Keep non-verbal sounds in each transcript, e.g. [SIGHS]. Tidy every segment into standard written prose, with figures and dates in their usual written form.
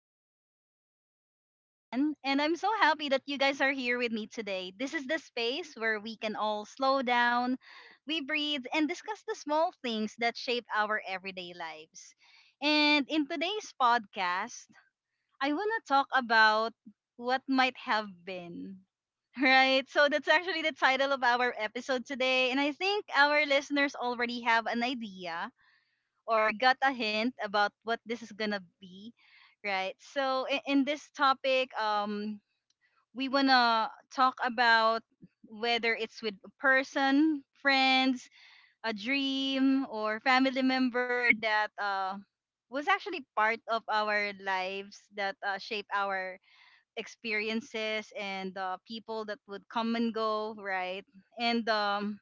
Joanne. I'm your host, Joanne, and I'm so happy that you guys are here with me today. This is the space where we can all slow down, we breathe, and discuss the small things that shape our everyday lives. And in today's podcast, I want to talk about what might have been. [LAUGHS] Right, so that's actually the title of our episode today, and I think our listeners already have an idea or got a hint about what this is gonna be, right? So in this topic, we wanna talk about whether it's with a person, friends, a dream, or family member that was actually part of our lives that shape our experiences and people that would come and go, right? And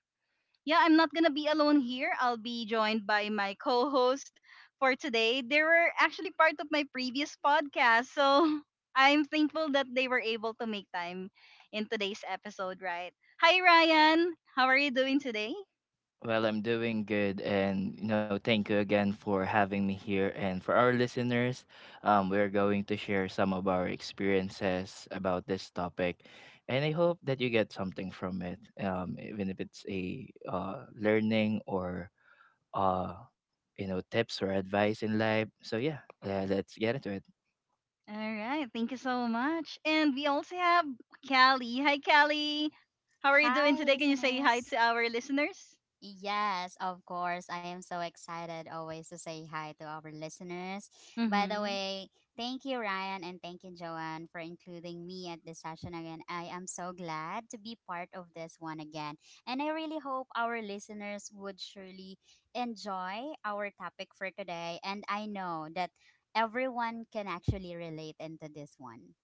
Yeah, I'm not gonna be alone here. I'll be joined by my co-host for today. They were actually part of my previous podcast, so [LAUGHS] I'm thankful that they were able to make time in today's episode, right? Hi Ryan, how are you doing today? Well, I'm doing good, and you know, thank you again for having me here. And for our listeners, we're going to share some of our experiences about this topic, and I hope that you get something from it, even if it's a learning or uh, you know, tips or advice in life. So yeah, let's get into it. All right, thank you so much. And we also have Callie. Hi Callie. How are you doing Hi, today? Can you say hi listeners. to our listeners? Yes, of course. I am so excited always to say hi to our listeners. By the Mm-hmm. way, thank you, Ryan, and thank you, Joanne, for including me at this session again. I am so glad to be part of this one again. And I really hope our listeners would surely enjoy our topic for today. And I know that everyone can actually relate into this one.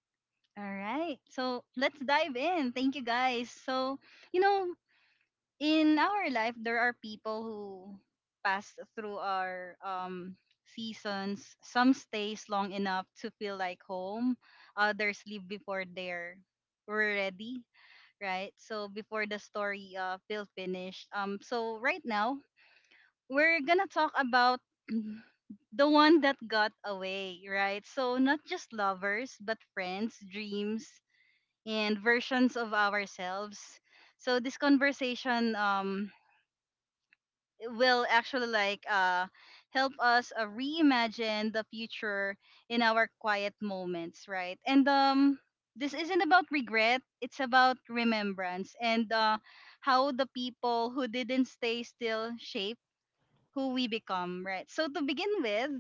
All right. So let's dive in. Thank you guys. So, you know, in our life there are people who pass through our seasons. Some stays long enough to feel like home, others leave before they're we ready, right? So before the story feel finished. So right now we're gonna talk about [CLEARS THROAT] the one that got away, right? So not just lovers but friends, dreams, and versions of ourselves. So this conversation will actually help us reimagine the future in our quiet moments, right? And this isn't about regret, it's about remembrance, and how the people who didn't stay still shape who we become, right? So to begin with,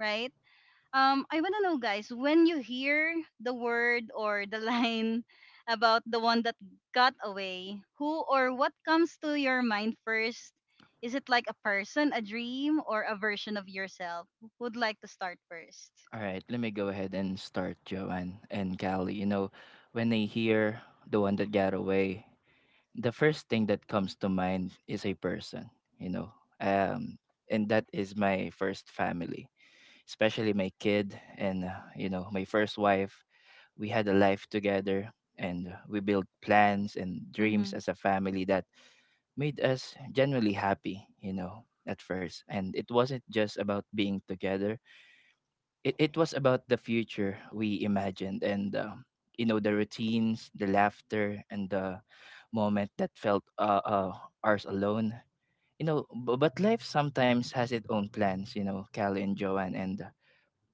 right, I wanna know, guys, when you hear the word or the [LAUGHS] line about the one that got away, who or what comes to your mind first? Is it like a person, a dream, or a version of yourself? Who would like to start first? All right, let me go ahead and start, Joanne and Callie. You know, when they hear the one that got away. The first thing that comes to mind is a person, you know. Um, and that is my first family, especially my kid and, you know, my first wife. We had a life together and we built plans and dreams Mm-hmm. as a family that made us genuinely happy, you know, at first. And it wasn't just about being together, it was about the future we imagined and you know, the routines, the laughter, and the moment that felt ours alone, you know. But life sometimes has its own plans, you know, Cal and Joanne,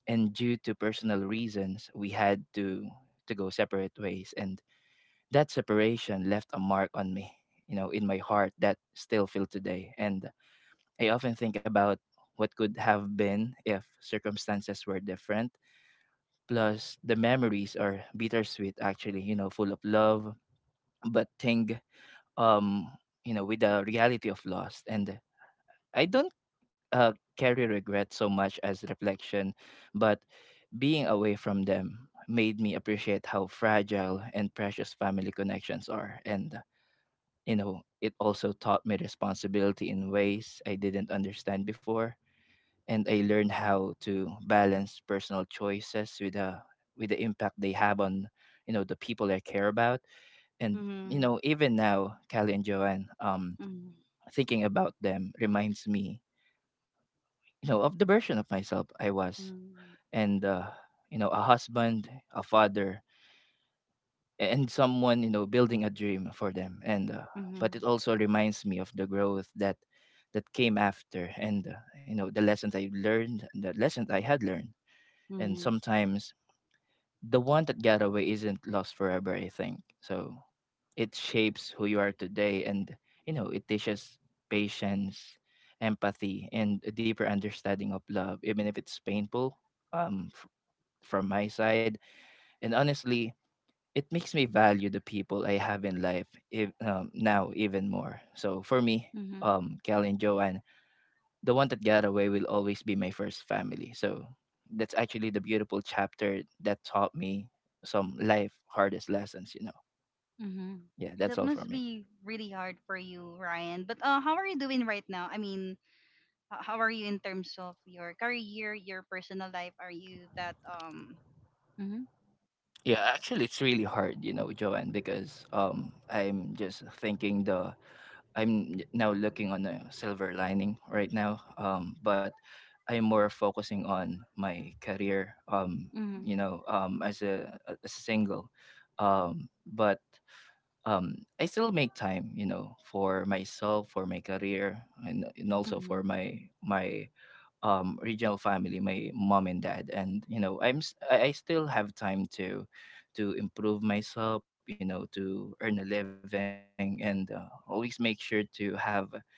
and due to personal reasons we had to go separate ways, and that separation left a mark on me, you know, in my heart that still feel today. And I often think about what could have been if circumstances were different. Plus, the memories are bittersweet, actually, you know, full of love, but thing, um, you know, with the reality of loss. And I don't carry regret so much as reflection, but being away from them made me appreciate how fragile and precious family connections are. And, you know, it also taught me responsibility in ways I didn't understand before, and I learned how to balance personal choices with the impact they have on, you know, the people I care about. And you Mm-hmm. know, even now, Callie and Joanne, Mm-hmm. thinking about them reminds me, you know, of the version of myself I was, and you know, a husband, a father, and someone, you know, building a dream for them. And Mm-hmm. Mm-hmm. But it also reminds me of the growth that that came after, and you know, the lessons I learned, the lessons I had learned. And Mm-hmm. sometimes the one that got away isn't lost forever, I think. So it shapes who you are today and, you know, it teaches patience, empathy, and a deeper understanding of love, even if it's painful, um f- from my side. And honestly, it makes me value the people I have in life if, now even more. So for me, Mm-hmm. Kelly and Joanne, the one that got away will always be my first family. So that's actually the beautiful chapter that taught me some life hardest lessons, you know. Mm-hmm. Yeah, that's That all for must me. be really hard for you, Ryan. But how are you doing right now? I mean, how are you in terms of your career, your personal life? Are you that? Mm-hmm. Yeah, actually it's really hard, you know, Joanne, because I'm just thinking the I'm now looking on a silver lining right now. But I'm more focusing on my career, Mm-hmm. you know, as a single, but I still make time, you know, for myself, for my career, and also Mm-hmm. for my regional family, my mom and dad. And you know, I still have time to improve myself, you know, to earn a living, and always make sure to have,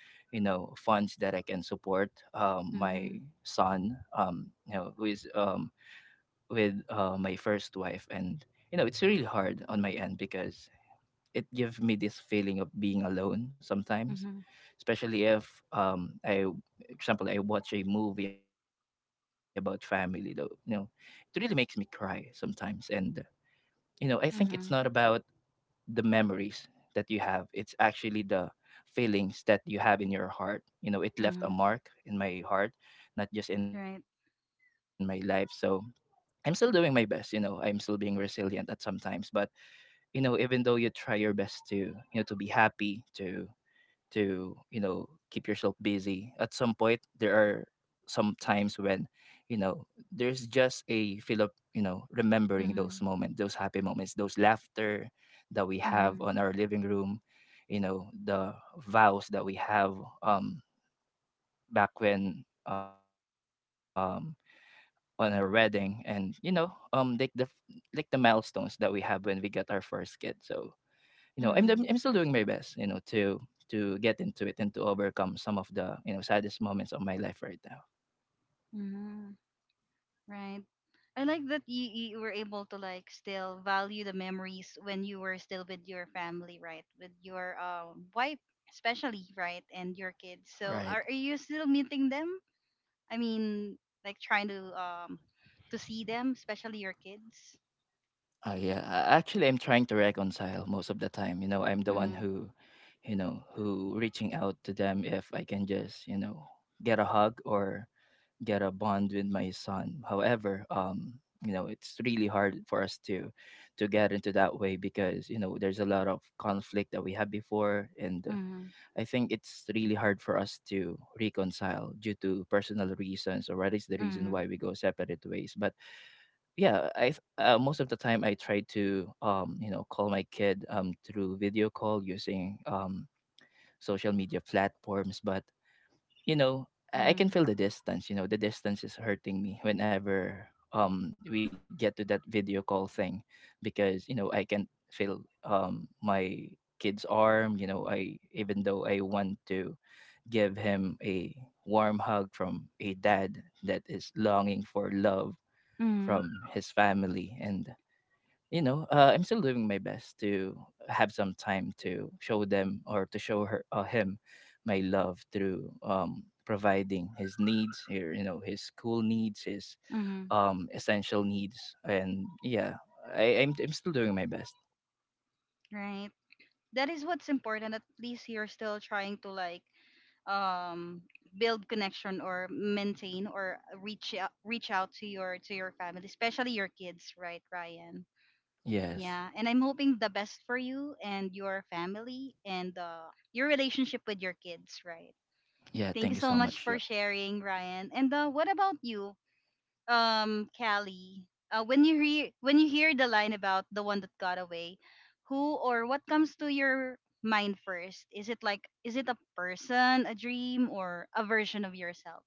you know, funds that I can support, Mm-hmm. my son, you know, who is with my first wife. And you know, it's really hard on my end because it gives me this feeling of being alone sometimes, Mm-hmm. especially if I example, I watch a movie about family though, you know, it really makes me cry sometimes. And you know, I think it's not about Hmm. the memories that you have, it's actually the feelings that you have in your heart. You know, it left a mark Hmm. in my heart, not just in my life. Right. So I'm still doing my best, you know. I'm still being resilient at sometimes. But you know, even though you try your best to, you know, to be happy, to you know keep yourself busy, at some point there are some times when, you know, there's just a feel of, you know, remembering those Mm-hmm. moments, those happy moments, those laughter that we have Mm-hmm. on our living room, you know, the vows that we have, um back when on our wedding, and you know, like the milestones that we have when we get our first kid. So you know I'm still doing my Mm-hmm. best, you know, to get into it and to overcome some of the, you know, saddest moments of my life right now. Hmm. Right. I like that you, were able to like still value the memories when you were still with your family, right? With your wife, especially, right, and your kids. So Right. Are you still meeting them? I mean, like trying to see them, especially your kids. Yeah, actually I'm trying to reconcile most of the time. You know, I'm the one Mhm. who, you know, who reaching out to them if I can just, you know, get a hug or get a bond with my son. However, you know, it's really hard for us to get into that way, because you know there's a lot of conflict that we had before, and Mhm. I think it's really hard for us to reconcile due to personal reasons, or what is the reason Mhm. why we go separate ways. But yeah, most of the time I try to, you know, call my kid, through video call using, social media platforms. But you know, I can Mhm. feel the distance. You know, the distance is hurting me whenever we get to that video call thing, because you know I can feel my kid's arm. You know, I even though I want to give him a warm hug from a dad that is longing for love Mhm. from his family. And you know, I'm still doing my best to have some time to show them or to show her him my love through, providing his needs here, you know, his school needs, his, Mhm. Essential needs. And yeah, I'm still doing my best. Right. That is what's important. At least you're still trying to like um build connection or maintain or reach out to your family, especially your kids, right, Ryan? Yes, Yeah, and I'm hoping the best for you and your family and your relationship with your kids, right? yeah, Thank you thank you so so much much, for Joe. sharing, Ryan. And what about you? Callie, when you hear the line about the one that got away, who or what comes to your mind first? Is it a person, a dream, or a version of yourself?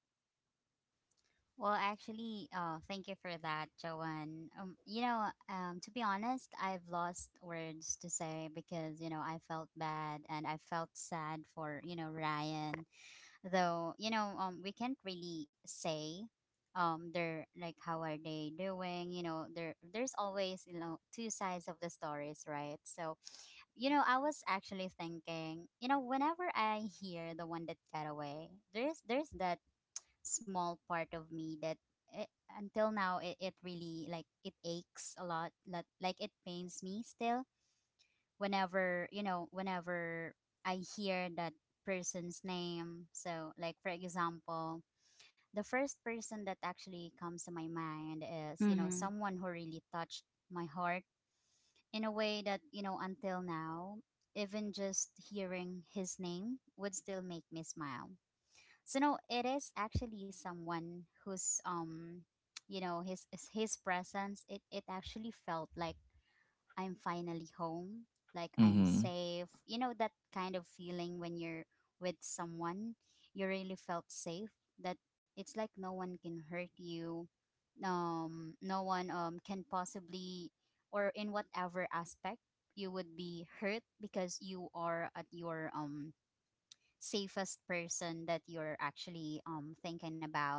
Well, actually, thank you for that, Joanne. To be honest, I've lost words to say because, I felt bad and I felt sad for, Ryan. Though, we can't really say they're, like, how are they doing, there, there's always, two sides of the stories, right? So, I was actually thinking, whenever I hear the one that got away, there's that small part of me that, it, until now, it really, like, it aches a lot, like it pains me still, whenever— whenever I hear that person's name. So, like, for example, the first person that actually comes to my mind is, Mm-hmm. someone who really touched my heart in a way that, until now, even just hearing his name would still make me smile. So no, it is actually someone who's— [TSK] his presence. It actually felt like I'm finally home, like I'm Mm-hmm. safe. You know that kind of feeling when you're with someone, you really felt safe. That, it's like no one can hurt you. No one can possibly, or in whatever aspect you would be hurt, because you are at your— safest person that you're actually thinking about.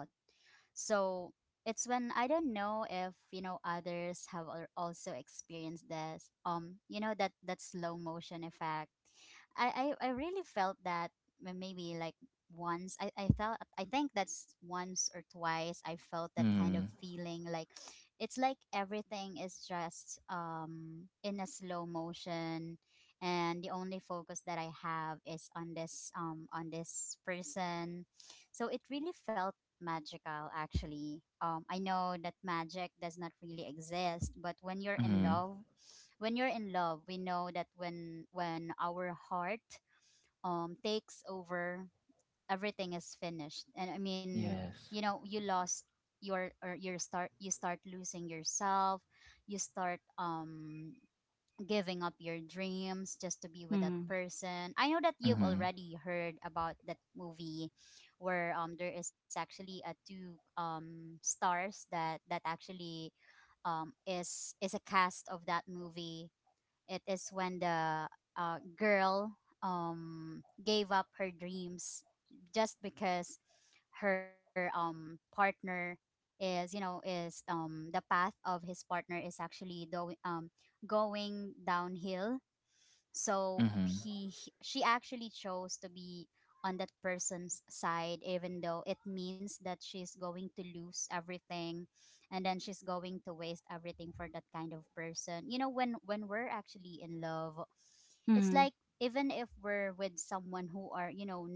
So it's when— I don't know if others have also experienced this. You know that slow motion effect. I really felt that. Maybe, like, once I felt— I think that's once or twice I felt that kind of Mm-hmm. feeling, like, it's like everything is just in a slow motion, and the only focus that I have is on this— on this person. So it really felt magical, actually. I know that magic does not really exist, but when you're in Mm-hmm. love, when you're in love, we know that when our heart takes over, everything is finished. And I mean, Yes. You lost your, or your, start, you start losing yourself. You start giving up your dreams just to be with that Mm-hmm. person. I know that you've Mm-hmm. already heard about that movie where there is actually a two stars that actually is a cast of that movie. It is when the girl gave up her dreams just because her partner is, is the path of his partner is actually going downhill. So Mm-hmm. She actually chose to be on that person's side, even though it means that she's going to lose everything, and then she's going to waste everything for that kind of person. When we're actually in love, it's Mm-hmm. like even if we're with someone who are,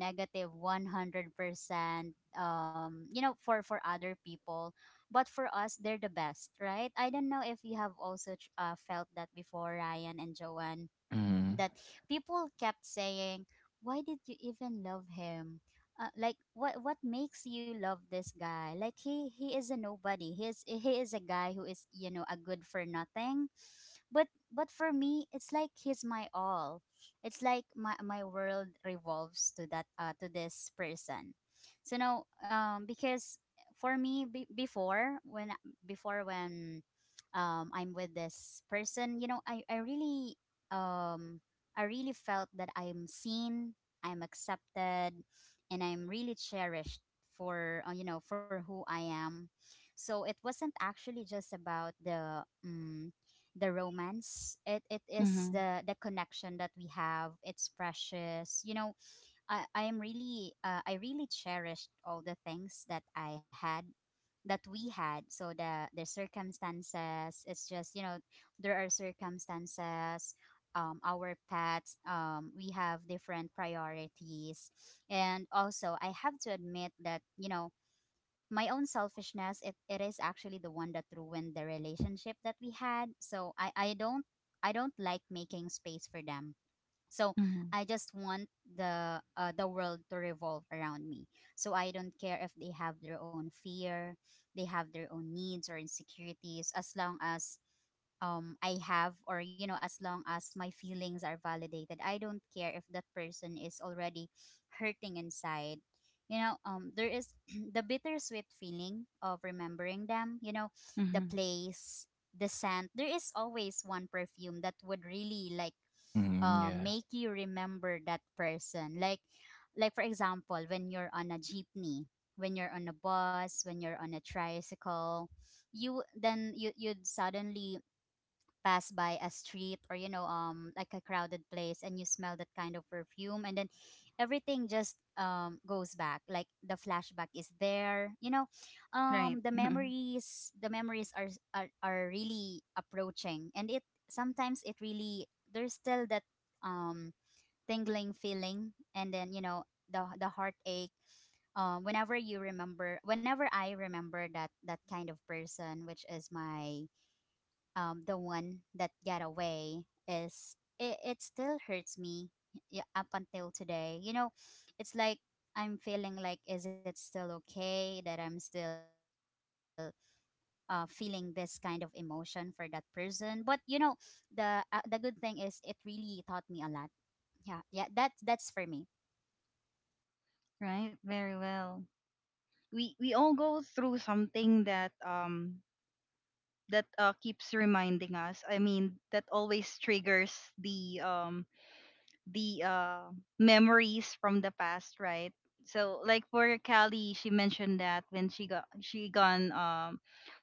100% for other people, but for us they're the best, right? I don't know if you have also felt that before, Ryan and Joanne, Mm-hmm. that people kept saying, "Why did you even love him? Like, what makes you love this guy? Like, he is a nobody. He is a guy who is, a good for nothing." But for me, it's like he's my all. It's like my world revolves to that— to this person. So now, because for me, before when I'm with this person, you know, I really— um I really felt that I'm seen, I'm accepted, and I'm really cherished for, for who I am. So it wasn't actually just about the— the romance. It is Mm-hmm. the connection that we have. It's precious, you know. I really cherished all the things that I had, that we had. So the circumstances, it's just, there are circumstances, our pets, we have different priorities. And also, I have to admit that, my own selfishness, it is actually the one that ruined the relationship that we had. So I don't like making space for them. So Mm-hmm. I just want the world to revolve around me. So I don't care if they have their own fear, they have their own needs or insecurities, as long as— I have— or, as long as my feelings are validated. I don't care if that person is already hurting inside. There is [CLEARS THROAT] the bittersweet feeling of remembering them, the Mm-hmm. place, the scent. There is always one perfume that would really, like, Mm-hmm. Yeah. make you remember that person. Like, for example, when you're on a jeepney, when you're on a bus, when you're on a tricycle, you— then you'd suddenly pass by a street, or, like, a crowded place, and you smell that kind of perfume, and then everything just goes back, like, the flashback is there, Right. the [LAUGHS] memories the memories are really approaching, and it sometimes it really— there's still that um tingling feeling, and then, the heartache, whenever you remember— whenever I remember that, kind of person, which is my— the one that got away, is— it still hurts me up until today. It's like I'm feeling like, is it still okay that I'm still feeling this kind of emotion for that person? But, the good thing is, it really taught me a lot. Yeah, yeah, that's for me. Right. Very well. We all go through something that that keeps reminding us. I mean, that always triggers the memories from the past, right? So like for Callie, she mentioned that when she gone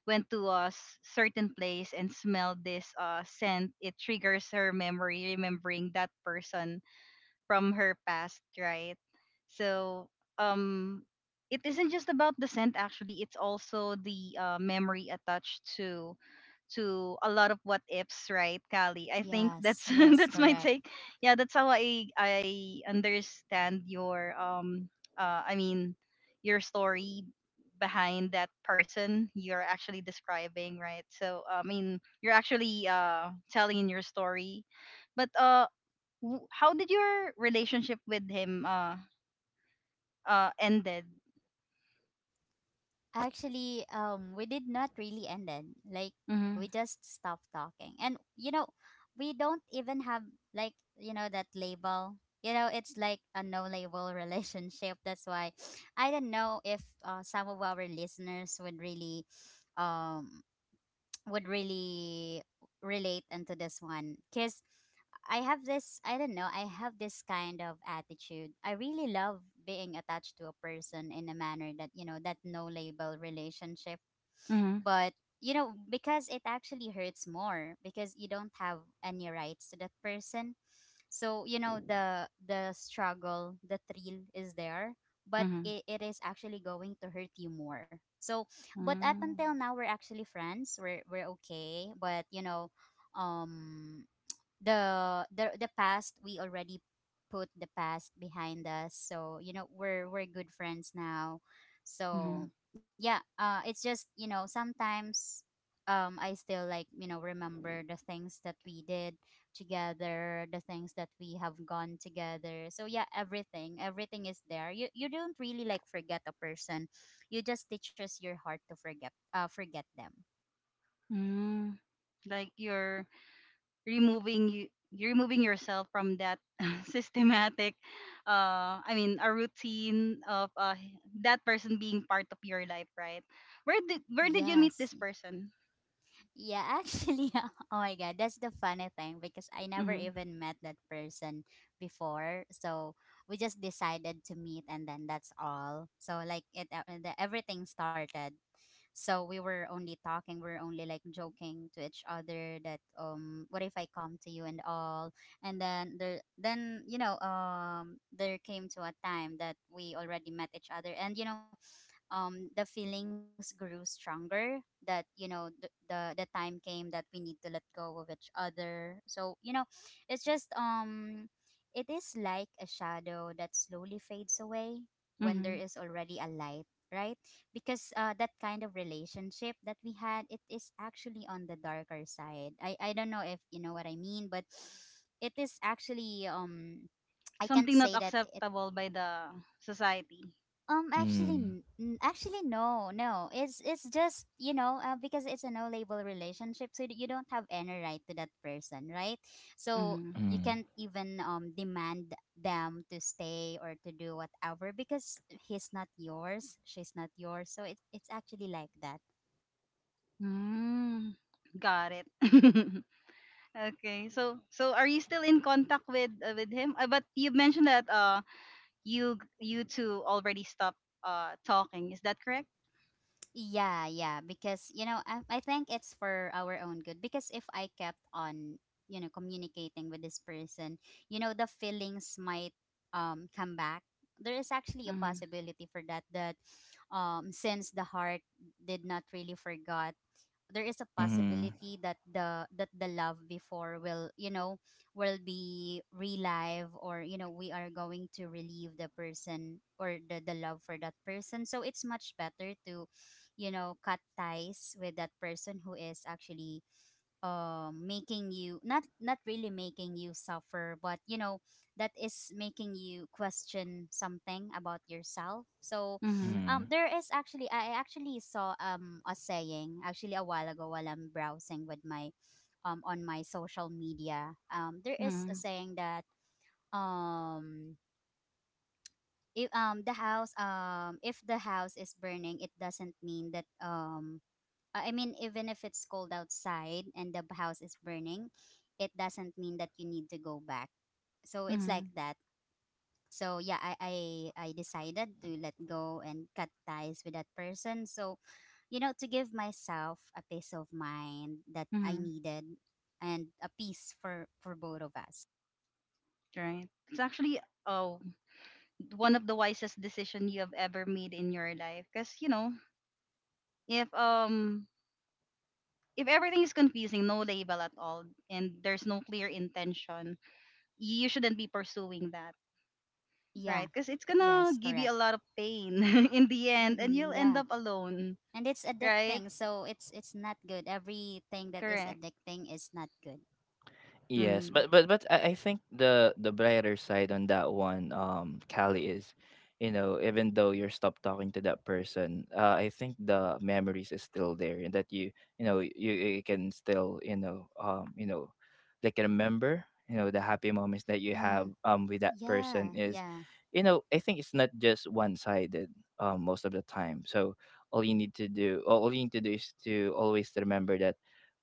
went to a certain place and smelled this scent, it triggers her memory remembering that person from her past, right? So um it isn't just about the scent actually, it's also the memory attached to a lot of what ifs, right, Callie? I think Yes, that's [LAUGHS] yes, that's my correct. take. Yeah, that's how I understand your I mean your story behind that person you're actually describing, right? So I mean you're actually telling your story, but how did your relationship with him ended? Actually, we did not really end it. Like, we Mm-hmm. just stopped talking. And, we don't even have, like, that label. It's like a no label [LAUGHS] relationship. That's why I don't know if some of our listeners would really— um would really relate into this one, because I have this— I don't know— I have this kind of attitude. I really love being attached to a person in a manner that, that no label relationship. Mm-hmm. But, because it actually hurts more because you don't have any rights to that person. So, the struggle, the thrill is there, but Mm-hmm. it is actually going to hurt you more. So, but up Mm-hmm. until now we're actually friends. We're okay, but, um the past, we already put the past behind us. So, we're good friends now. Mm-hmm. So yeah, it's just, sometimes, I still, like, remember the things that we did together, the things that we have gone together. So yeah, everything is there. You don't really, like, forget a person. You just teaches your heart to forget— forget them. Mm-hmm. Like your removing you removing yourself from that [LAUGHS] systematic I mean a routine of that person being part of your life, right? Where did you meet Yes. this person? Yeah, actually, [LAUGHS] oh my god, that's the funny thing because I never Mm-hmm. even met that person before. So we just decided to meet, and then that's all. So, like, everything started. So we were only talking, we were only, like, joking to each other that, what if I come to you and all, and then then, there came to a time that we already met each other, and, the feelings grew stronger, that, the, the time came that we need to let go of each other. So, it's just it is like a shadow that slowly fades away when there Mm-hmm. is already a light, right? Because that kind of relationship that we had, it is actually on the darker side. I don't know if you know what I mean, but it is actually— I can't Something not say that. acceptable by the society? Actually, Mm-hmm. Actually, no, no. It's just, because it's a no label relationship, so you don't have any right to that person, right? So Mm-hmm. you can't even demand them to stay or to do whatever, because he's not yours, she's not yours. So it's actually like that. Mm. Got it. [LAUGHS] Okay, so so are you still in contact with him but you mentioned that you you two already stopped talking, is that correct? Yeah, yeah, because, I think it's for our own good, because if I kept on, communicating with this person, the feelings might come back. There is actually a Mm-hmm. possibility for that, since the heart did not really forgot, there is a Mm-hmm. possibility that the love before will, you know, will be relive, or you know, we are going to relieve the person or the love for that person. So it's much better to, you know, cut ties with that person who is actually making you not really making you suffer, but you know, that is making you question something about yourself. So, Mm-hmm. Mm-hmm. There is actually I actually saw a saying actually a while ago while I'm browsing with my on my social media. There is a Mm. saying that um if the house, if the house is burning, it doesn't mean that I mean, even if it's cold outside and the house is burning, it doesn't mean that you need to go back. So it's like Mm. that. So yeah, I decided to let go and cut ties with that person. So, you know, to give myself a peace of mind that I Mm. needed, and a peace for both of us. Right. It's actually oh one of the wisest decision you have ever made in your life. Cause you know, if um if everything is confusing, no label at all, and there's no clear intention, you shouldn't be pursuing that, Yeah. right? Because it's gonna Yes, give you correct. a lot of pain [LAUGHS] in the end, and you'll Mm-mm, end yeah. up alone, And it's right? addicting. So it's not good. Everything that is Correct. addicting is not good. Yes, Mm. but I think the brighter side on that one, Callie, is, you know, even though you're stopped talking to that person, I think the memories is still there, and that you know you, you can still you know, they can remember you know the happy moments that you have Mm, with that person yeah, is, yeah. you know, I think it's not just one sided most of the time. So all you need to do is to always remember that.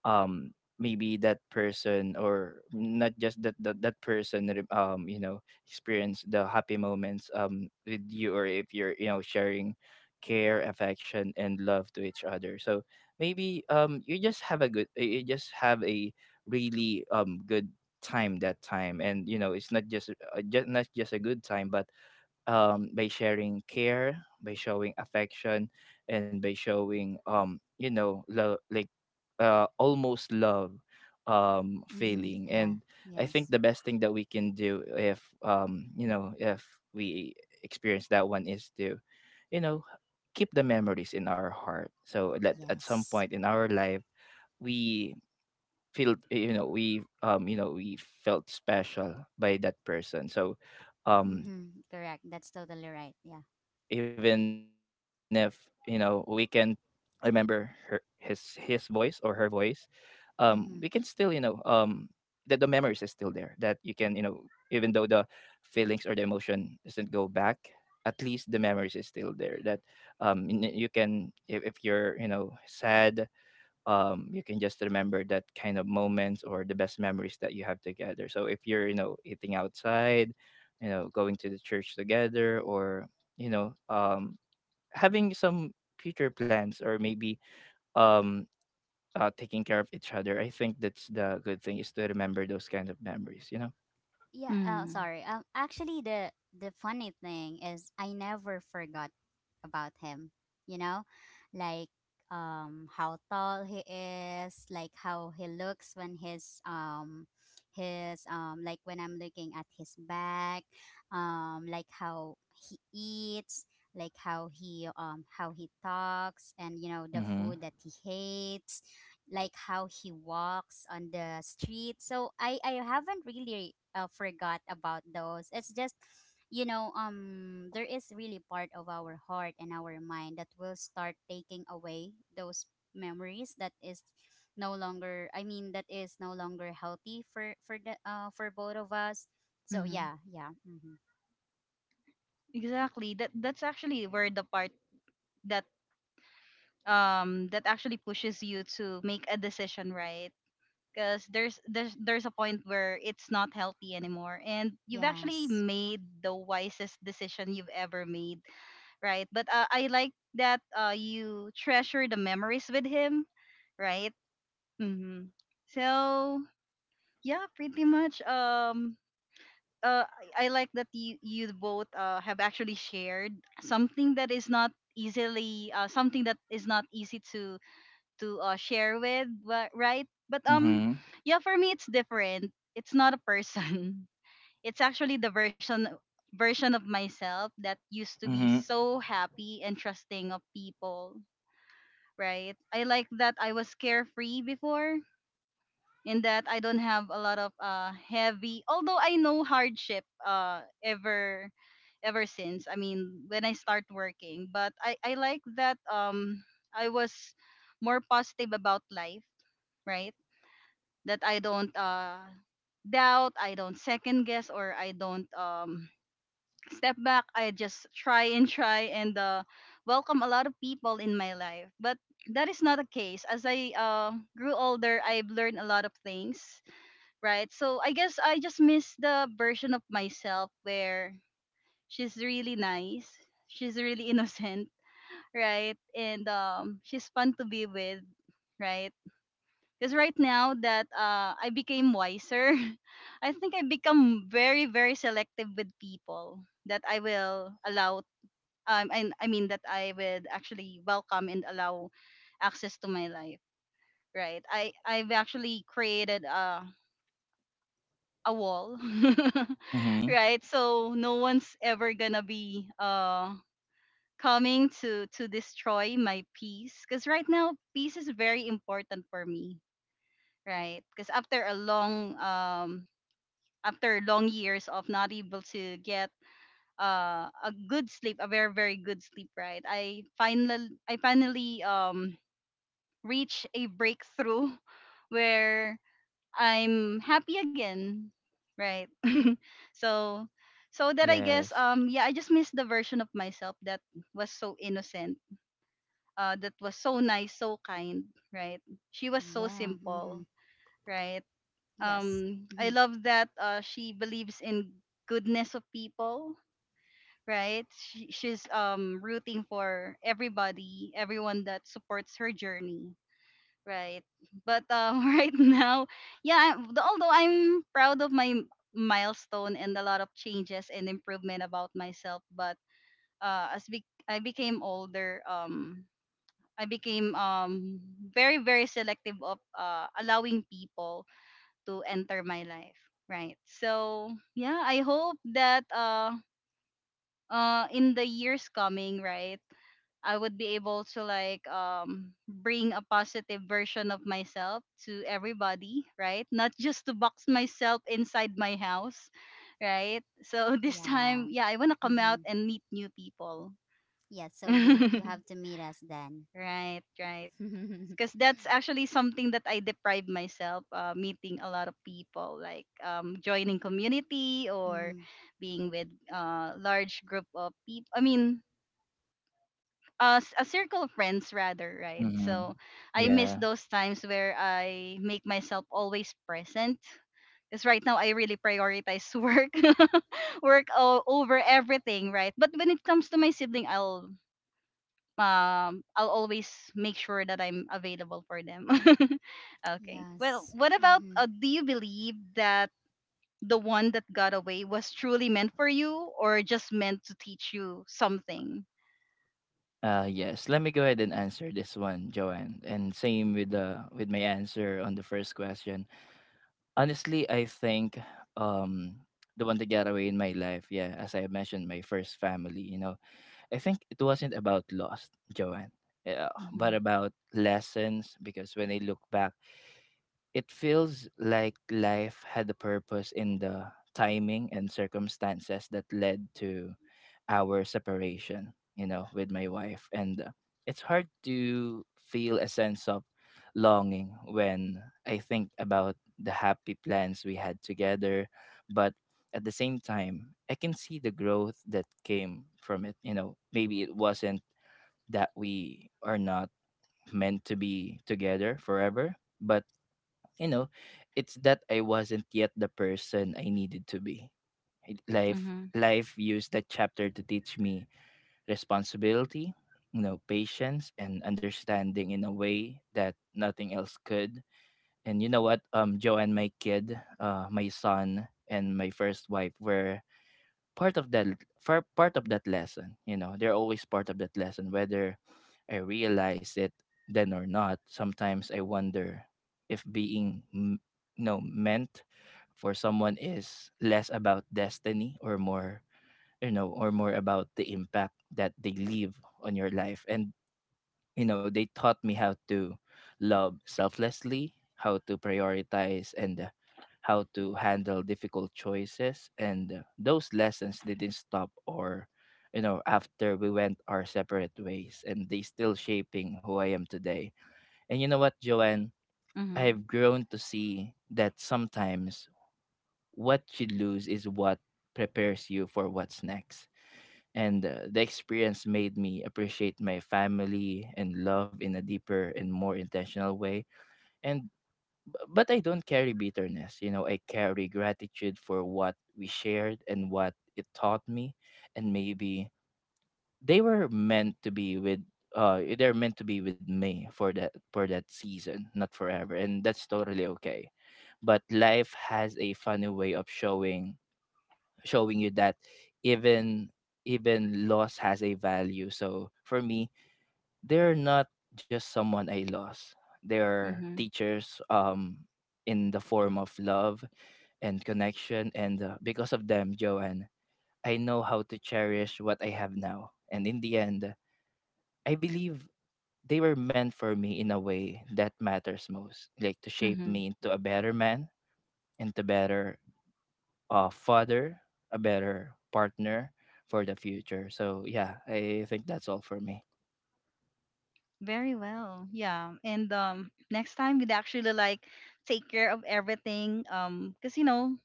um Maybe that person or not just that that person you know experience the happy moments with you, or if you're, you know, sharing care, affection, and love to each other. So maybe, you just have a good, you just have a really good time that time. And you know, it's not just, just not just a good time, but, by sharing care, by showing affection, and by showing, you know, like, almost love Mm-hmm. feeling. Yeah. And I think Yes. the best thing that we can do if, you know, if we experience that one is to, you know, keep the memories in our heart. So that at some Yes. point in our life we feel, you know, we you know we felt special by that person. So um Mm-hmm. Correct. even That's if, totally you right. know, Yeah. we can remember her his voice or her voice, we can still, you know, um, Mm-hmm. that the memories is still there, that you can you know even though the feelings or the emotion doesn't go back, at least the memories is still there. That, you can if you're you know sad, you can just remember that kind of moments or the best memories that you have together. So if you're, you know, eating outside, you know, going to the church together, or you know, having some future plans, or maybe, um, taking care of each other. I think that's the good thing is to remember those kind of memories. You know. Yeah, Mm. sorry. Actually, the funny thing is, I never forgot about him. You know, like, how tall he is, like how he looks when his like when I'm looking at his back, like how he eats, like how he talks, and you know the Mm-hmm. food that he hates, like how he walks on the street. So I haven't really forgot about those. It's just, you know, there is really part of our heart and our mind that will start taking away those memories that is no longer, that is no longer healthy for the for both of us. So Mm. yeah, yeah. Mm-hmm. Exactly. That that's actually where the part that that actually pushes you to make a decision, right? Because there's a point where it's not healthy anymore and you've actually Yes. made the wisest decision you've ever made, right? But I like that you treasure the memories with him, right? Mm-hmm. So yeah, pretty much uh, I like that you, both have actually shared something that is not easily something that is not easy to share with, right? But Mm-hmm. yeah, for me it's different. It's not a person. [LAUGHS] It's actually the version of myself that used to be Mm-hmm. so happy and trusting of people, right? I like that I was carefree before in that I don't have a lot of heavy, although I know hardship ever since. I mean, when I start working, but I like that I was more positive about life, right? That I don't doubt, I don't second guess, or I don't step back. I just try and try and welcome a lot of people in my life. But that is not the case. As I grew older, I've learned a lot of things, right? So I guess I just miss the version of myself where she's really nice, she's really [LAUGHS] innocent, right? And she's fun to be with, right? Because right now that I became wiser, [LAUGHS] I think I become very, very selective with people that I will allow. And I mean that I would actually welcome and allow access to my life. Right. I've actually created a wall. [LAUGHS] Mm-hmm. Right. So no one's ever gonna be coming to destroy my peace. Because right now peace is very important for me, right? Because after long years of not able to get a good sleep, a very very good sleep, right? I finally reached a breakthrough [LAUGHS] where I'm happy again, right? [LAUGHS] So so that I guess Yes. Yeah, I just miss the version of myself that was so innocent, that was so nice, so kind, right? She was so Yeah. simple, Mm-hmm. right? Yes. I Mm-hmm. love that she believes in goodness of people, right? She's rooting for everybody, everyone that supports her journey, right? But [LAUGHS] right now, yeah, although I'm proud of my milestone and a lot of changes and improvement about myself, but I became older, I became very very selective of allowing people to enter my life, right? So yeah, I hope that in the years coming, right, I would be able to like bring a positive version of myself to everybody, right? Not just to box myself inside my house, right? So [LAUGHS] this time, Yeah. yeah, I want to come out Mm-hmm. and meet new people. Yeah. So you [LAUGHS] have to meet us then. Right. Because [LAUGHS] that's actually something that I deprive myself meeting a lot of people, like joining community or Hmm. being with large group of people. I mean, a circle of friends rather, right? Mm-hmm. So I miss Yeah. those times where I make myself always present. Because right now I really prioritize [LAUGHS] work, [LAUGHS] over everything, right? But when it comes to my sibling, I'll always make sure that I'm available for them. [LAUGHS] Okay. Well, Yes. what about Hmm. do you believe that the one that got away was truly meant for you or just meant to teach you something? Yes, let me go ahead and answer this one, Joanne. And same with the with my answer on the first question. Honestly, I think um the one that got away in my life, yeah, as I mentioned, my first family. You know, I think it wasn't about lost, Joanne, yeah, Mm-hmm. but about lessons. Because when I look back it feels like life had a purpose in the timing and circumstances that led to our separation, you know, with my wife. And it's hard to feel a sense of longing when I think about the happy plans we had together. But at the same time, I can see the growth that came from it. You know, maybe it wasn't that we are not meant to be together forever, but you know, it's that I wasn't yet the person I needed to be. I- Life Mm-hmm. life used that chapter to teach me responsibility, you know, patience and understanding in a way that nothing else could. And you know what? Joe and my kid, my son and my first wife were part of that part of that lesson, you know, they're always part of that lesson, whether I realize it then or not. Sometimes I wonder if being m- you know meant for someone is less about destiny or more, you know, or more about the impact that they leave on your life. And you know, they taught me how to love selflessly, how to prioritize, and how to handle difficult choices. And those lessons didn't stop or you know, after we went our separate ways, and they still shaping who I am today. And you know what, Joanne, Mm-hmm. I've grown to see that sometimes what you lose is what prepares you for what's next. And the experience made me appreciate my family and love in a deeper and more intentional way. And but I don't carry bitterness, you know, I carry gratitude for what we shared and what it taught me. And maybe they were meant to be with they're meant to be with me for that season, not forever, and that's totally okay. But life has a funny way of showing you that even even loss has a value. So for me, they're not just someone I lost. They're Mm-hmm. teachers in the form of love and connection. And because of them, Joanne, I know how to cherish what I have now. And in the end, I believe they were meant for me in a way that matters most, like to shape Mm-hmm. me into a better man, into better father, a better partner for the future. So yeah, I think that's all for me. Very well. Yeah. And next time we'd actually like take care of everything cuz you know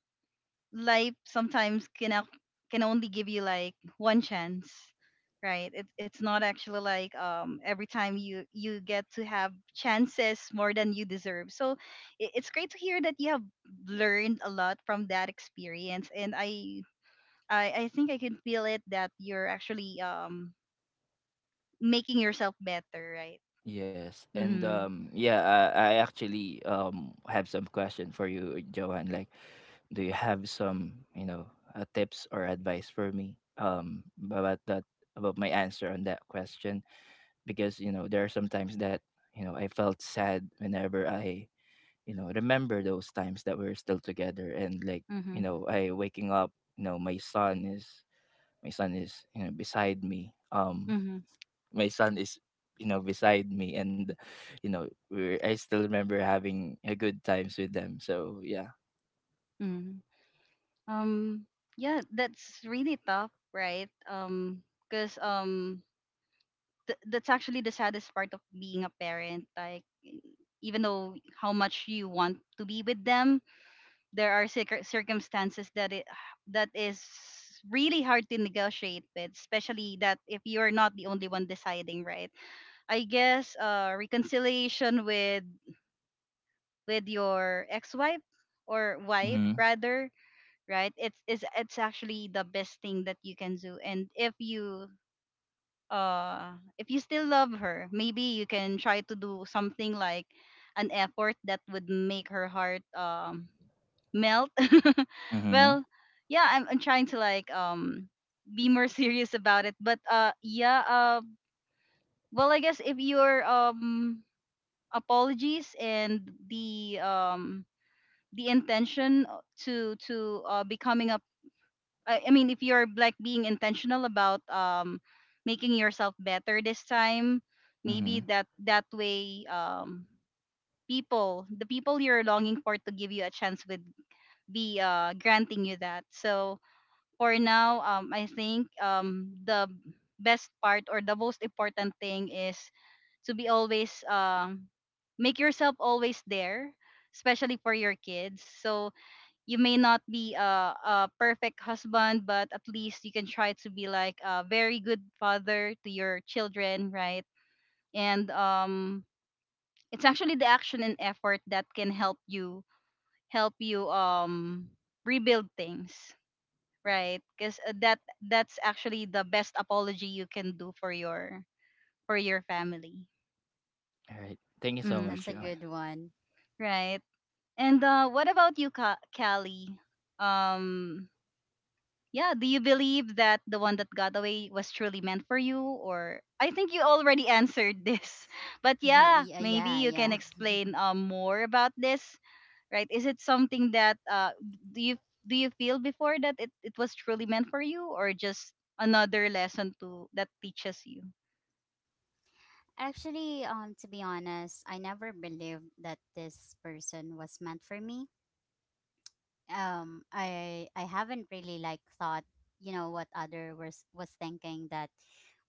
life sometimes can only give you like one chance, right? It's not actually like every time you get to have chances more than you deserve. So it's great to hear that you have learned a lot from that experience, and I think I can feel it that you're actually making yourself better, right? Yes, and Mm-hmm. Yeah, I actually have some question for you, Johan. Like, do you have some, you know, tips or advice for me about that, about my answer on that question? Because you know there are some times that, you know, I felt sad whenever I, you know, remember those times that we're still together. And like, you Mm-hmm. know, I waking up, you know, my son is, you know, beside me, Mm-hmm. my son is you know, beside me. And you know, I still remember having a good times with them. So yeah. Hmm. um yeah, that's really tough, right? Because that's actually the saddest part of being a parent, like even though how much you want to be with them, there are circumstances that it that is really hard to negotiate with, especially that if you're not the only one deciding, right? I guess reconciliation with your ex-wife, or wife Mm-hmm. rather, right? It's actually the best thing that you can do. And uh if you still love her, maybe you can try to do something like an effort that would make her heart melt. [LAUGHS] Mm-hmm. Well, yeah, I'm trying to like be more [LAUGHS] serious about it, but yeah. Well, I guess if your apologies and the intention, to becoming a I mean, if you're like being intentional about making yourself better this time, maybe Mm-hmm. that way, people the people you're longing for to give you a chance would be granting you that. So for now, I think the best part or the most important thing is to be always make yourself always there, especially for your kids. So you may not be a perfect husband, but at least you can try to be like a very good father to your children, right? And it's actually the action and effort that can help you rebuild things, right? Because that's actually the best apology you can do for your family. All right, thank you so much, Mm, Joanne. That's a good one. [LAUGHS] right? And what about you, Callie? Um, yeah, do you believe that the one that got away was truly meant for you? Or I think you already answered this. [LAUGHS] But yeah, Yeah, maybe yeah, you can yeah. explain, more about this, right? Is it something that do you do you feel before that it was truly meant for you, or just another lesson to that teaches you? Actually, to be honest, I never believed that this person was meant for me. I haven't really like thought, you know, what other was thinking that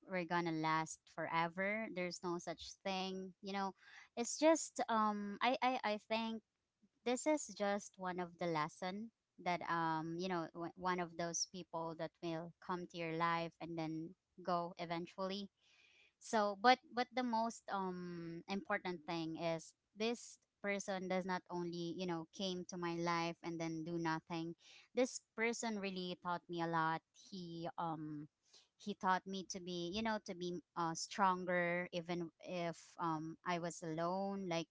we're gonna last forever. There's no such thing, you know. It's just, I think this is just one of the lesson that, you know, one of those people that will come to your life and then go eventually. So but the most important thing is this person does not only, you know, came to my life and then do nothing. This person really taught me a lot. He taught me to be, you know, to be stronger even if I was alone. Like,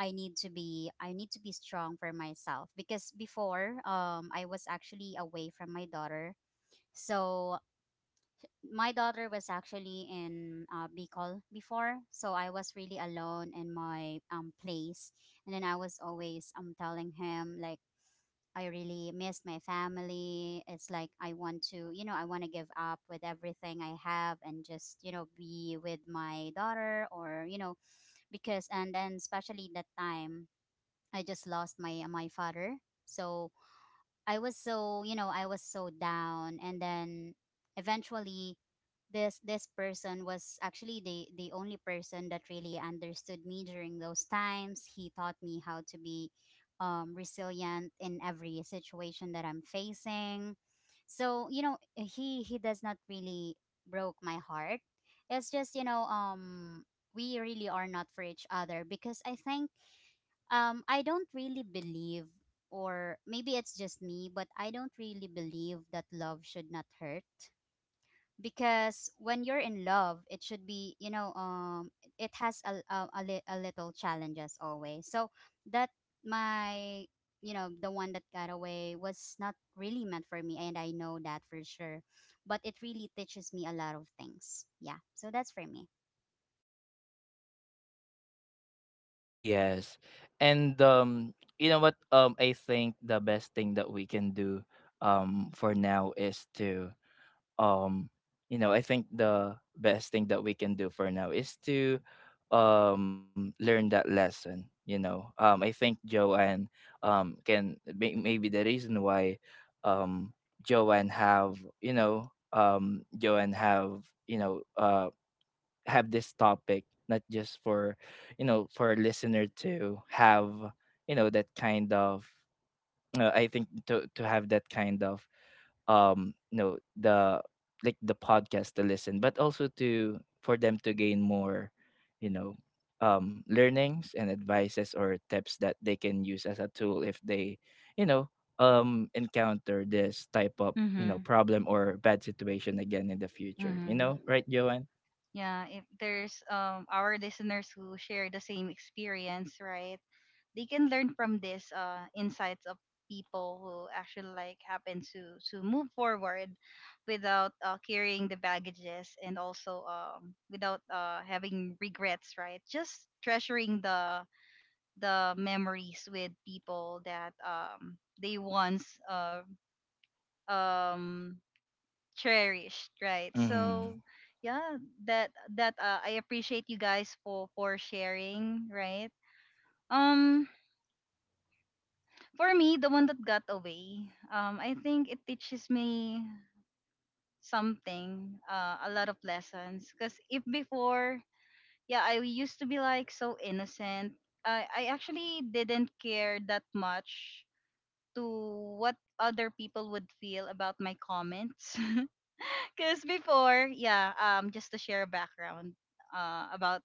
I need to be strong for myself, because before I was actually away from my daughter. So my daughter was actually in, Bicol before, so I was really alone in my place, and then I was always telling him like, I really miss my family. It's like, I want to, you know, I want to give up with everything I have and just, you know, be with my daughter. Or you know, because, and then especially that time, I just lost my father. So I was so, you know, I was so down, and then eventually, this person was actually the only person that really understood me during those times. He taught me how to be resilient in every situation that I'm facing. So, you know, he does not really broke my heart. It's just, you know, we really are not for each other, because I think, I don't really believe, or maybe it's just me, but I don't really believe that love should not hurt. Because when you're in love, it should be, you know, it has a little challenges always. So that my, you know, the one that got away was not really meant for me. And I know that for sure. But it really teaches me a lot of things. Yeah. So that's for me. Yes, and you know what, I think the best thing that we can do for now is to um you know, I think the best thing that we can do for now is to learn that lesson. You know, I think Joanne, can maybe the reason why um joanne have Joanne have, you know, have this topic not just for, you know, for a listener to have, you know, that kind of, I think to have that kind of, you know, the like the podcast to listen, but also to for them to gain more, you know, learnings and advices or tips that they can use as a tool if they, you know, encounter this type of, you know, Mm-hmm. problem or bad situation again in the future, you know, Mm-hmm. right, Joanne? Yeah, if there's our listeners who share the same experience, right, they can learn from this insights of people who actually like happen to move forward without carrying the baggages, and also without having regrets, right? Just treasuring the memories with people that they once um cherished, right? Mm-hmm. So yeah, that that I appreciate you guys for sharing, right? um for me, the one that got away, I think it teaches me something, a lot of lessons. Because if before, yeah, I used to be like so innocent. I actually didn't care that much to what other people would feel about my comments. [LAUGHS] Because before, yeah, just to share a background, about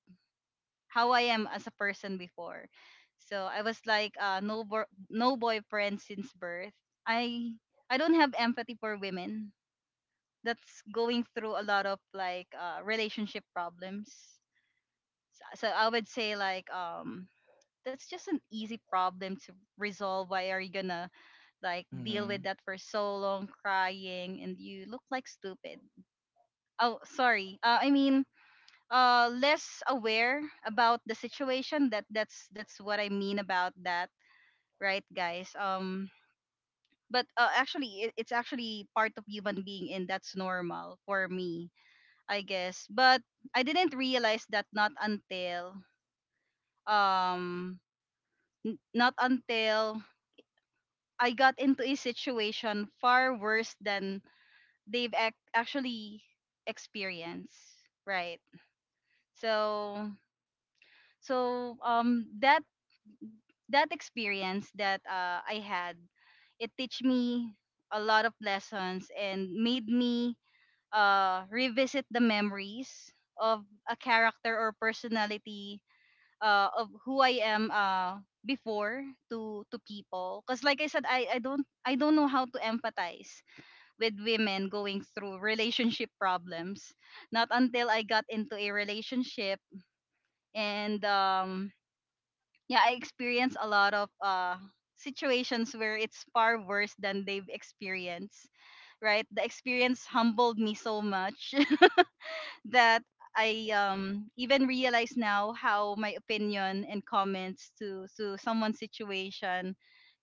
how I am as a person before. So I was like, no boyfriend since birth. I I don't have empathy for women that's going through a lot of like, relationship problems. So I would say like, that's just an easy problem to resolve. Why are you gonna like deal with Mm-hmm. that for so long, crying, and you look like stupid? Oh, sorry. I mean, less aware about the situation. That that's what I mean about that, right, guys? But actually it's actually part of human being, and that's normal for me, I guess. But I didn't realize that not until um not until I got into a situation far worse than they've actually experienced, right? So so that experience that, I had, it teach me a lot of lessons, and made me, revisit the memories of a character or personality, of who I am, before to people. Cause like I said, I don't know how to empathize with women going through relationship problems. Not until I got into a relationship. And yeah, I experience a lot of situations where it's far worse than they've experienced, right? The experience humbled me so much [LAUGHS] that I even realize now how my opinion and comments to someone's situation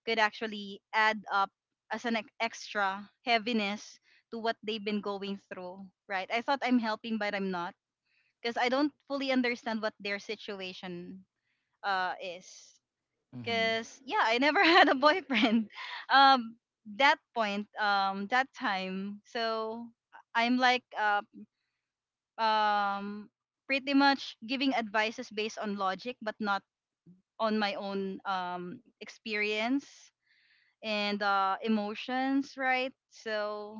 could actually add up as an extra heaviness to what they've been going through, right? I thought I'm helping, but I'm not, because I don't fully understand what their situation is. Cause yeah, I never [LAUGHS] had a boyfriend. Um, that point, that time. So I'm like, um, pretty much giving advices based on logic, but not on my own experience and emotions, right? So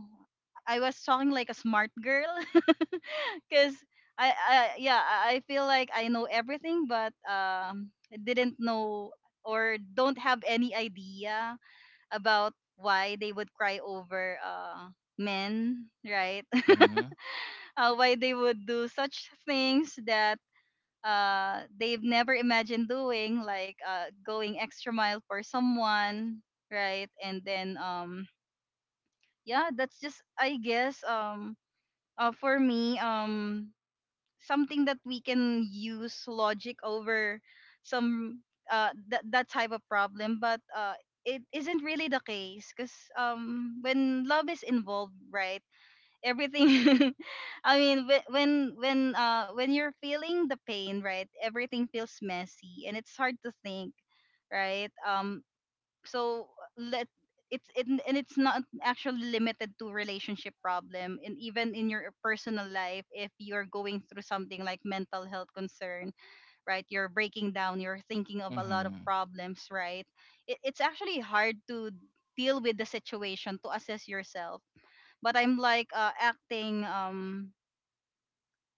I was talking like a smart girl, [LAUGHS] cause I yeah I feel like I know everything, but I didn't know or don't have any idea about why they would cry over, men, right? [LAUGHS] Mm-hmm. Mm-hmm. Why they would do such things that, they've never imagined doing, like, going extra mile for someone, right? And then, yeah, that's just, I guess, for me, something that we can use logic over some that type of problem. But it isn't really the case, because when love is involved, right, everything [LAUGHS] I mean when you're feeling the pain, right, everything feels messy and it's hard to think, right? So let and it's not actually limited to relationship problem, and even in your personal life if you're going through something like mental health concern, right, you're breaking down, you're thinking of a lot of Mm-hmm. problems, right? It's actually hard to deal with the situation, to assess yourself, but I'm like, acting,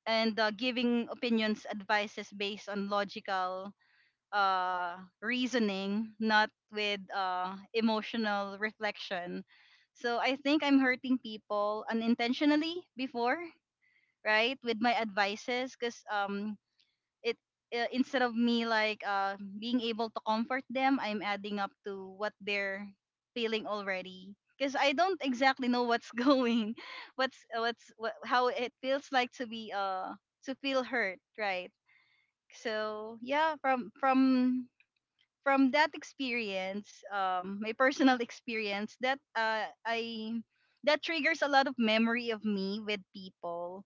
and, giving opinions advices based on logical uh reasoning, not with emotional reflection. So I think I'm hurting people unintentionally before, right, with my advices. Because it instead of me like being able to comfort them, I'm adding up to what they're feeling already, because I don't exactly know what's [LAUGHS] going how it feels like to be, to feel hurt, right? So yeah, from that experience, my personal [LAUGHS] experience, that, I that triggers a lot of memory of me with people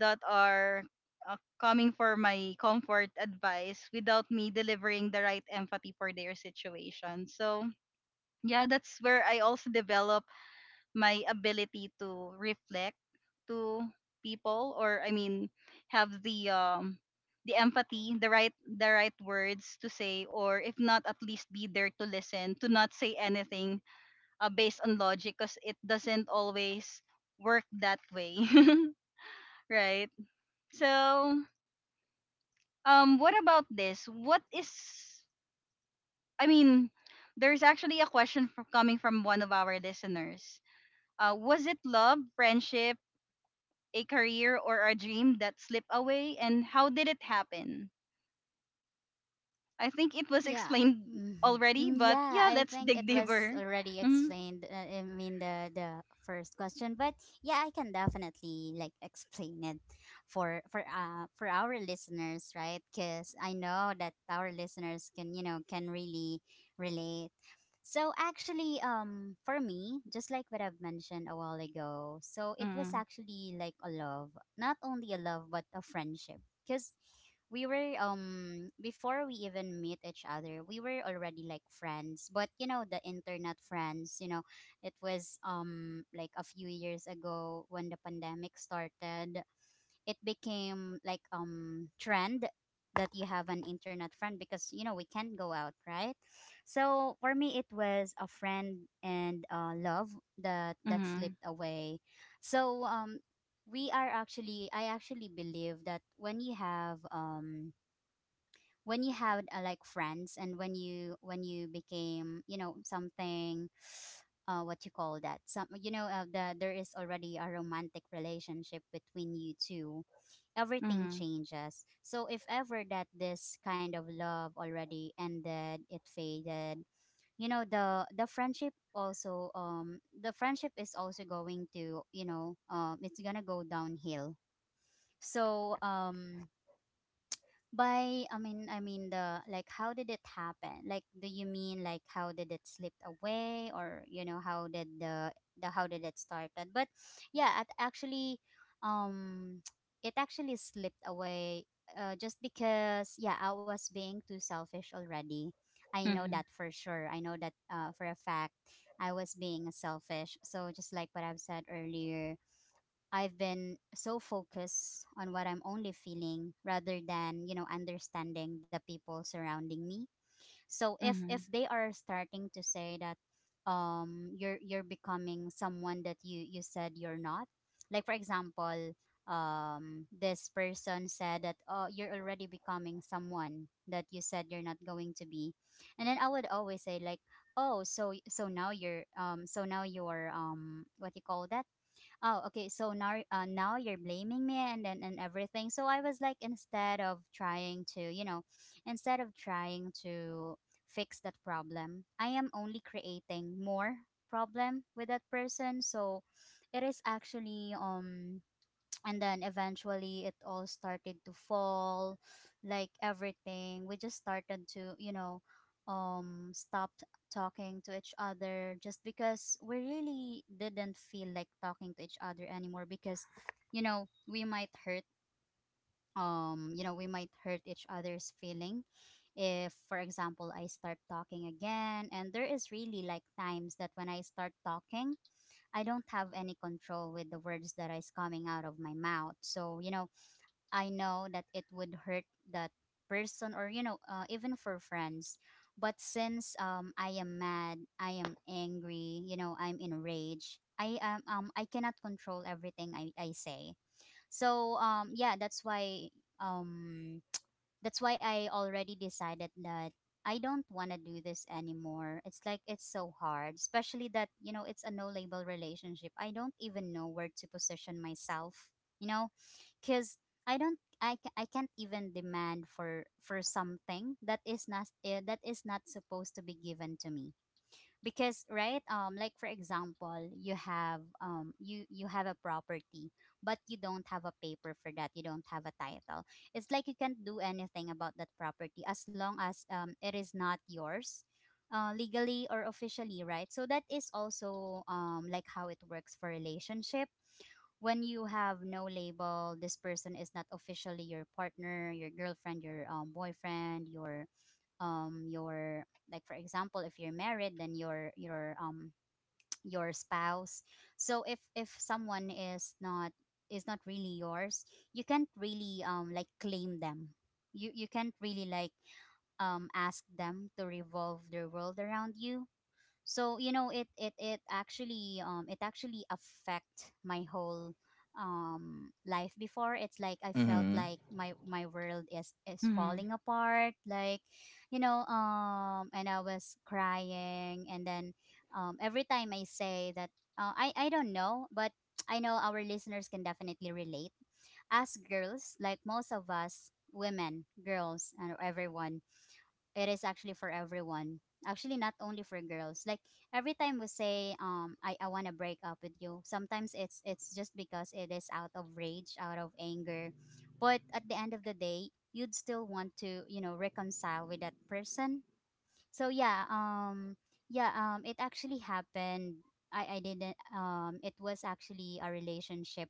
that are, coming for my comfort advice without me delivering the right empathy for their situation. So yeah, that's where I also develop my ability to reflect to people, or I mean have the empathy, the right words to say, or if not, at least be there to listen, to not say anything, based on logic, because it doesn't always work that way, [LAUGHS] right? So, what about this? What is, I mean, there's actually a question from, coming from one of our listeners. Was it love, friendship, a career, or a dream that slipped away, and how did it happen? I think it was Yeah, explained mhm. already, Mm, but yeah. yeah, I let's think it dig was deeper. already Mhm. explained. I mean, the first question, but yeah, I can definitely like explain it for for our listeners, right? Because I know that our listeners can, you know, can really relate. So actually, for me, just like what I've mentioned a while ago, so it was Mhm. actually like a love, not only a love but a friendship, because we were, before we even meet each other, we were already like friends, but you know, the internet friends, you know. It was, like a few years ago when the pandemic started, it became like, trend that you have an internet friend, because you know, we can't go out, right? So for me it was a friend and, love that that Mhm. slipped away. So we are actually, I actually believe that when you have, when you had, like friends, and when you became, you know, something [SIGHS] what you call that, some, you know, the there is already a romantic relationship between you two, everything Mhm. changes. So if ever that this kind of love already ended, it faded, you know, the friendship also, the friendship is also going to, you know, it's gonna go downhill. So by, I mean, the like how did it happen? Like do you mean like how did it slip away, or you know, how did the how did it started? But yeah, it actually, um [TSK] it actually slipped away, just because, yeah, I was being too selfish already. I know Mhm. that for sure. I know that, for a fact I was being selfish. So just like what I've said earlier, I've been so focused on what I'm only feeling rather than, you know, understanding the people surrounding me. So if Mhm. they are starting to say that, you're becoming someone that you said you're not. Like for example, this person said that, oh, you're already becoming someone that you said you're not going to be. And then I would always say like, "Oh, so so now you're, so now you're, what you call that? Oh okay, so now, now you're blaming me, and everything." So I was like, instead of trying to, you know, instead of trying to fix that problem, I am only creating more problem with that person. So it is actually, and then eventually it all started to fall, like everything, we just started to, you know, stopped talking to each other, just because we really didn't feel like talking to each other anymore, because, you know, we might hurt, you know, we might hurt each other's feeling. If for example I start talking again, and there is really like times that when I start talking, I don't have any control with the words that is coming out of my mouth. So, you know, I know that it would hurt that person, or you know, even for friends. But since, I am mad, I am angry, you know, I'm enraged. I am, I cannot control everything I say. So yeah, that's why, um that's why I already decided that I don't want to do this anymore. It's like, it's so hard, especially that, you know, it's a no label relationship. I don't even know where to position myself, you know, cuz I don't I, ca- I can't even demand for something that is not that is not supposed to be given to me because right like for example you have um, you have a property, but you don't have a paper for that, you don't have a title. It's like you can't do anything about that property as long as it is not yours legally or officially, right? So that is also like how it works for relationship. When you have no label, this person is not officially your partner, your girlfriend, your boyfriend, your um your like for example if you're married, then your [TSK] your spouse. So if someone is not, is not really yours, you can't really like claim them. You can't really like ask them to revolve their world around you. So you know it actually it actually affect my whole life before. It's like I felt Mm-hmm. like my world is Mhm. falling apart, like, you know. And I was crying, and then every time I say that, I don't know, but I know our listeners can definitely relate. As girls, like most of us, women, girls, and everyone, it is actually for everyone, actually not only for girls. Like every time we say, I want to break up with you, sometimes it's just because it is out of rage, out of anger. But at the end of the day, you'd still want to, you know, reconcile with that person. So yeah, yeah, it actually happened. I didn't it was actually a relationship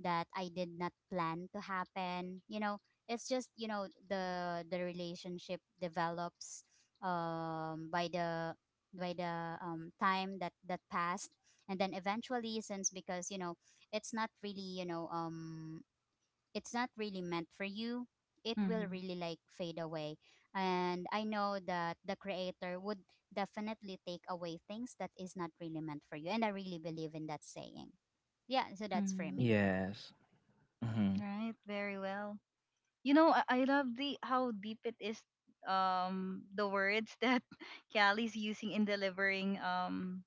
that I did not plan to happen, you know. It's just, you know, the relationship develops um by the by the time that that passed. And then eventually, since, because, you know, it's not really, you know, it's not really meant for you, it will Mhm. really like fade away. And I know that the creator would definitely take away things that is not really meant for you, and I really believe in that saying. Yeah, so that's for Mhm. me. Yes. Mm-hmm. Right, very well. You know, I love the how deep it is, the words that [LAUGHS] Callie's using in delivering,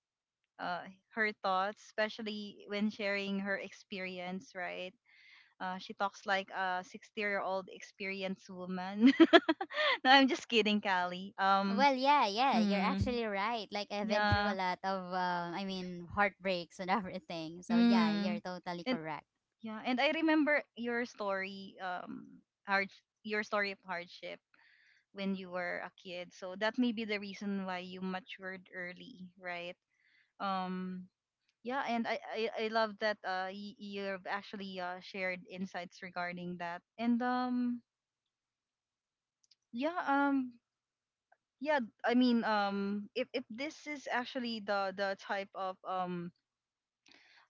uh, her thoughts, especially when sharing her experience, right? She talks like a 60-year-old experienced woman. [LAUGHS] No, I'm just kidding, Callie. Well, yeah, yeah, you're Mm, actually right. Like I've been through a yeah. lot of I mean heartbreaks and [LAUGHS] everything, so yeah, you're Mm. totally And correct. yeah, and I remember your story, hard, your story of hardship when you were a kid. So that may be the reason why you matured early, right? Um, yeah, and I love that, you've actually, shared insights regarding that. And yeah, um, yeah, I mean, if this is actually the type of um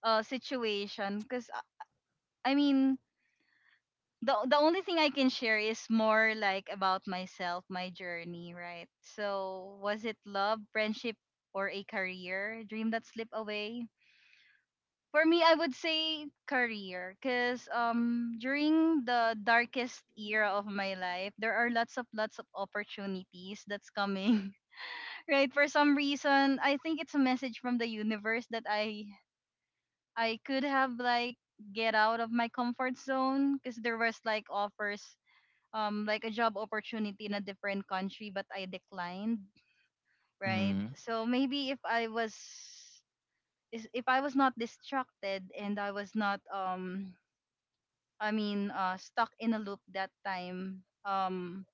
uh situation. Because i mean the only thing I can share is more like about myself, my journey, right? So was it love, friendship, or a career dream that slipped away? For me, I would say career, because during the darkest era of my life there are lots of opportunities that's coming, right? For some reason I think it's a message from the universe that I could have like get out of my comfort zone, because there was like offers, like a job opportunity in a different country, but I declined. Mm-hmm. Right, so maybe if if I was not distracted and I was not stuck in a loop that time,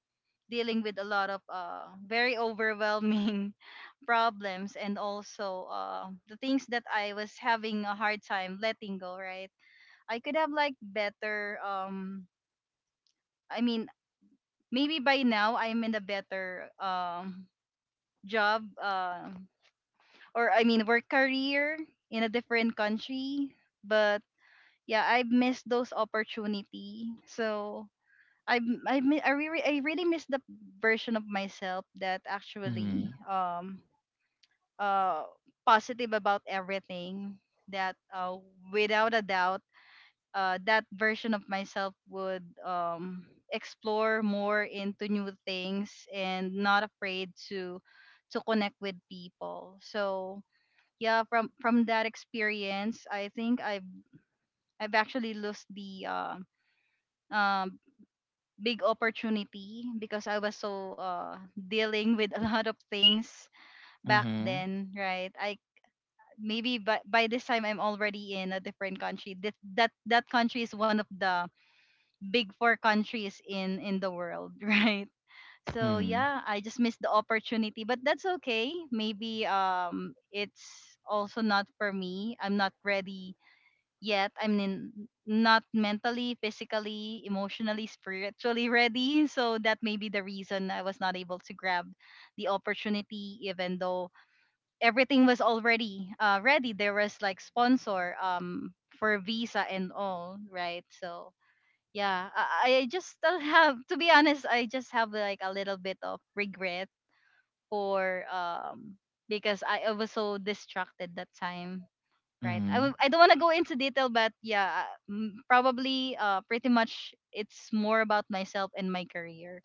dealing with a lot of very overwhelming [LAUGHS] problems, and also the things that I was having a hard time letting go, right? I could have like better, I mean maybe by now I'm in a better job, or I mean work career, in a different country, but yeah, I missed those opportunity. So I really miss the version of myself that actually uh, positive about everything, that without a doubt, that version of myself would, explore more into new things and not afraid to connect with people. So yeah, from that experience I think I've actually lost the um, big opportunity, because I was so dealing with a lot of things back Mhm. then, right? I maybe by this time I'm already in a different country. That country is one of the big four countries in the world, [LAUGHS] right? So Mhm. yeah, I just missed the opportunity, but that's okay. Maybe it's also not for me. I'm not ready yet. I'm in, not mentally, physically, emotionally, spiritually [LAUGHS] ready. So that may be the reason I was not able to grab the opportunity, even though everything was already ready. There was like sponsor for visa and all, right? So yeah, I just [LAUGHS] don't have to be honest. I just have like a little bit of regret for because I was so distracted that time. Right. Mhm. I don't want to go into detail, but yeah, probably pretty much it's more about myself and my career,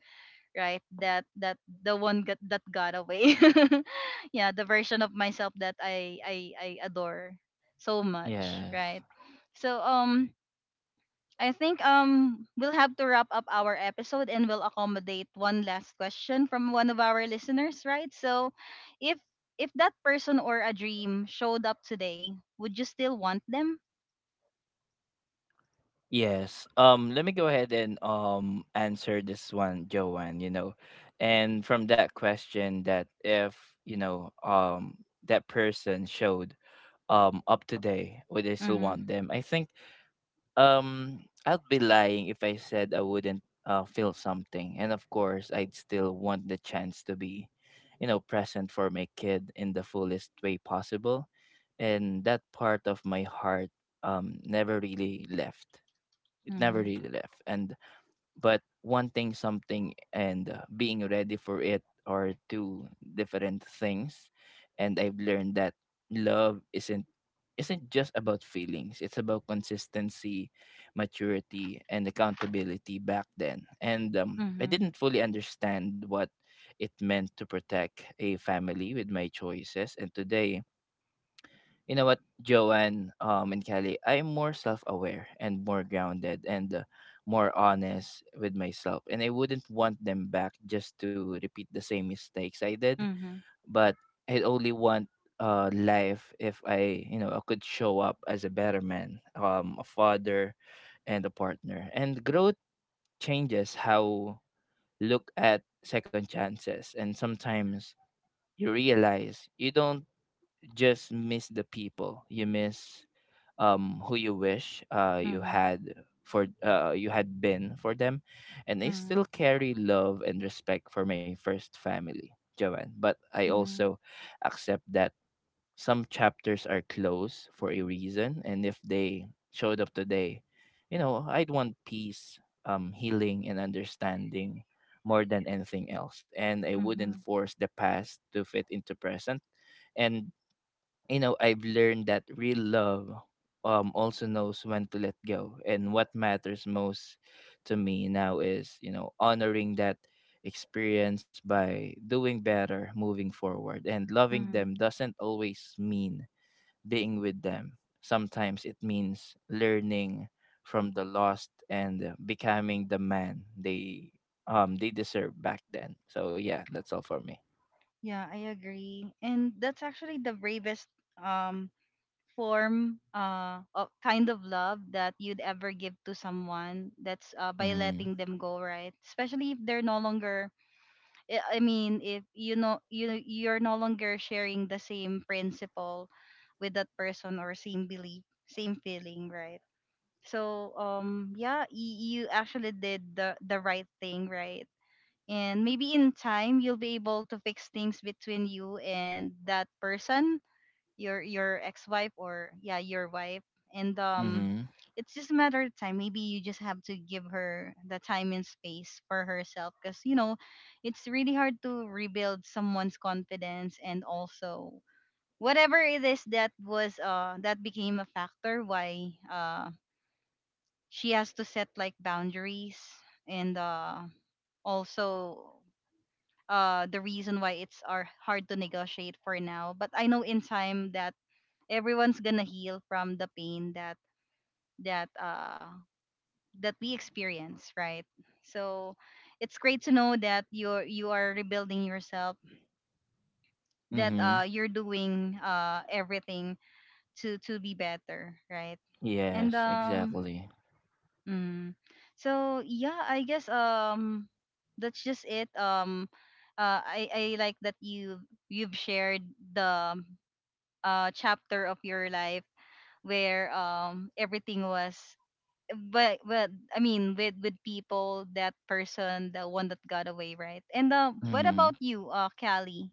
right? That the one that got away. [LAUGHS] Yeah, the version of myself that I adore so much, Yes. right? So I think we'll have to wrap up our episode, and we'll accommodate one last question from one of our listeners, right? So if if that person or a dream showed up today, would you still want them? Yes. Let me go ahead and answer this one, Joanne, you know. And from that question that if, you know, that person showed up today, would I still Mhm. want them? I think I'd be lying if I said I wouldn't feel something. And of course, I'd still want the chance to be, you know, present for my kid in the fullest way possible. And that part of my heart never really left. It never Mhm. really left. And but wanting something and being ready for it are two different things. And I've learned that love isn't just about feelings, it's about consistency, maturity, and accountability. Back then and I Mhm. didn't fully understand what it meant to protect a family with my choices. And today, you know what, Joanne, and Kelly, I'm more self aware and more grounded and more honest with myself. And I wouldn't want them back just to repeat the same mistakes I did. Mhm. But I only want life if I, you know, I could show up as a better man, a father, and a partner. And growth changes how look at second chances. And sometimes you realize you don't just miss the people, you miss who you wish Mhm. You had been for them. And I Mhm. still carry love and respect for my first family, Joanne, but I Mhm. also accept that some chapters are closed for a reason. And if they showed up today, you know, I'd want peace, healing, and understanding more than anything else. And I wouldn't Mhm. force the past to fit into present. And you know, I've learned that real love also knows when to let go. And what matters most to me now is, you know, honoring that experience by doing better, moving forward. And loving them Mhm. doesn't always mean being with them. Sometimes it means learning from the lost and becoming the man they deserve back then. So yeah, that's all for me. Yeah, I agree. And that's actually the bravest um form of kind of love that you'd ever give to someone. That's by Mhm. letting them go, right? Especially if they're no longer, I mean, if you know you're no longer sharing the same principle with that person, or same belief, same feeling, right? So yeah, you actually did the right thing, right? And maybe in time you'll be able to fix things between you and that person, your ex-wife, or yeah, your wife. And Mhm. it's just a matter of time. Maybe you just have to give her the time and space for herself, because you know it's really hard to rebuild someone's confidence, and also whatever it is that was that became a factor why she has to set like boundaries, and also the reason why it's are hard to negotiate for now. But I know in time that everyone's gonna heal from the pain that that uh that we experience, right? So it's great to know that you are rebuilding yourself, that Mhm. You're doing everything to be better, right? And Yes, exactly. Mm. So yeah, I guess that's just it. I like that you've shared the chapter of your life where everything was, but I mean, with people, that person, the one that got away, right? And what Mm-hmm. about you, Callie?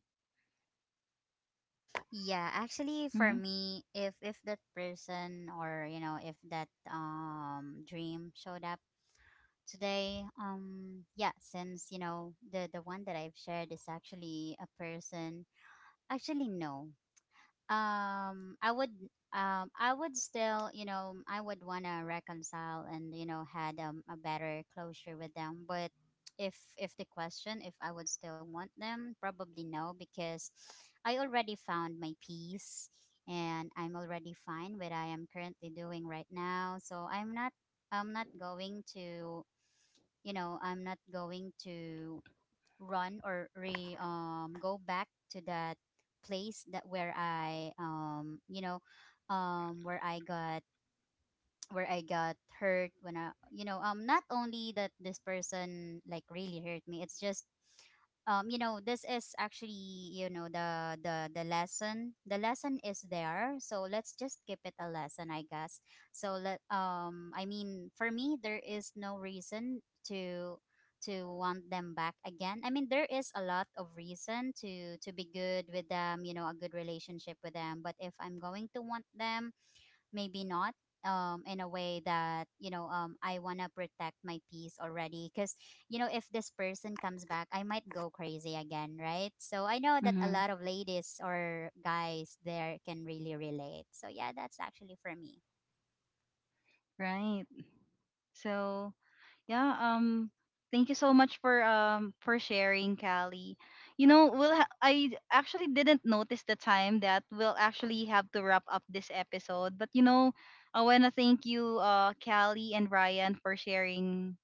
Yeah, actually for Mm-hmm. me, if that person, or you know, if that dream showed up today, yeah, since you know, the one that I've shared is actually a person, actually no, I would I would still, you know, I would want to reconcile and you know had a better closure with them. But if the question, if I would still want them, probably no, because I already found my peace, and I'm already fine with I am currently doing right now. So I'm not, I'm not going to, you know, I'm not going to run or re go back to that place that where I you know where I got, where I got hurt. When I, you know, not only that this person like really hurt me, it's just you know, this is actually, you know, the lesson, the lesson is there, so let's just keep it a lesson, I guess. So let I mean for me there is no reason to want them back again. I mean there is a lot of reason to be good with them, you know, a good relationship with them. But if I'm going to want them, maybe not, in a way that, you know, I want to protect my peace already, because you know if this person comes back, I might go crazy again, right? So I know that a Mm-hmm. lot of ladies or guys there can really relate, so yeah, that's actually for me. Right. So yeah, thank you so much for sharing, Callie. You know, we'll I actually didn't notice the time that we'll actually have to wrap up this episode. But you know, I want to thank you, Callie and Ryan, for sharing,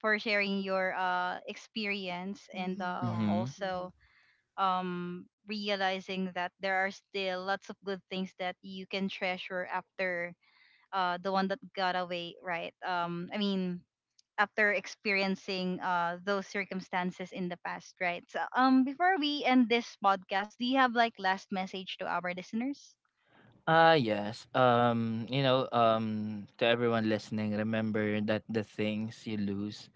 for sharing your experience, and Mm-hmm, yeah, Mm-hmm. mm-hmm. also realizing that there are still lots of good things that you can treasure after the one that got away, right? I mean after experiencing those circumstances in the past, right? So before we end this podcast, do you have like last message to our listeners? Ah, yes. You know, to everyone listening, remember that the things you lose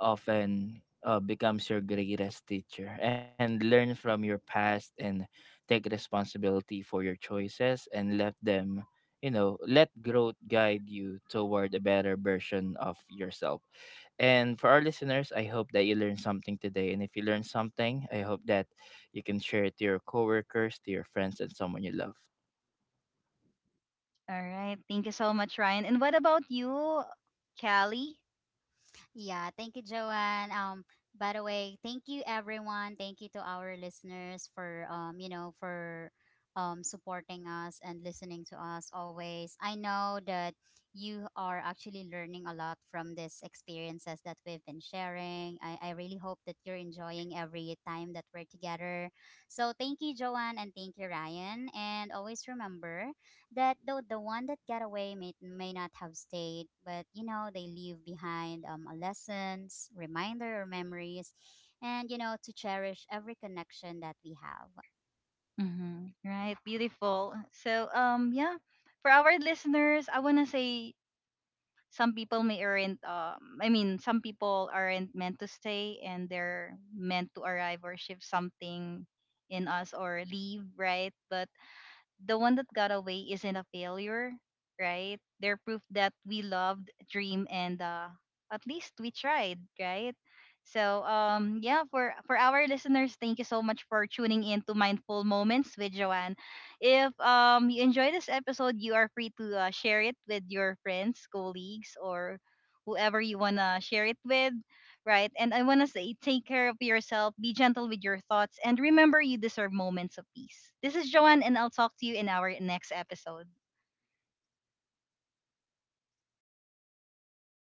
often becomes your greatest teacher. And learn from your past and take responsibility for your choices, and let them, you know, let growth guide you toward a better version of yourself. And for our listeners, I hope that you learned something today. And if you learned something, I hope that you can share it to your coworkers, to your friends, and someone you love. All right. Thank you so much, Ryan. And what about you, Callie? Yeah, thank you, Joanne. By the way, thank you everyone. Thank you to our listeners for you know, for supporting us and listening to us always. I know that you are actually learning a lot from these experiences that we've been sharing. I really hope that you're enjoying every time that we're together. So thank you, Joanne, and thank you, Ryan. And always remember that though the one that got away may not have stayed, but you know, they leave behind a lessons, reminder, or memories, and you know, to cherish every connection that we have. Mm-hmm. Right. Beautiful. So, yeah, for our listeners, I want to say some people may aren't, some people aren't meant to stay, and they're meant to arrive or shift something in us, or leave, right? But the one that got away isn't a failure, right? They're proof that we loved, dream, and at least we tried, right? So yeah, for our listeners, thank you so much for tuning in to Mindful Moments with Joanne. If you enjoy this episode, you are free to share it with your friends, colleagues, or whoever you wanna share it with, right? And I want to say, take care of yourself, be gentle with your thoughts, and remember you deserve moments of peace. This is Joanne, and I'll talk to you in our next episode.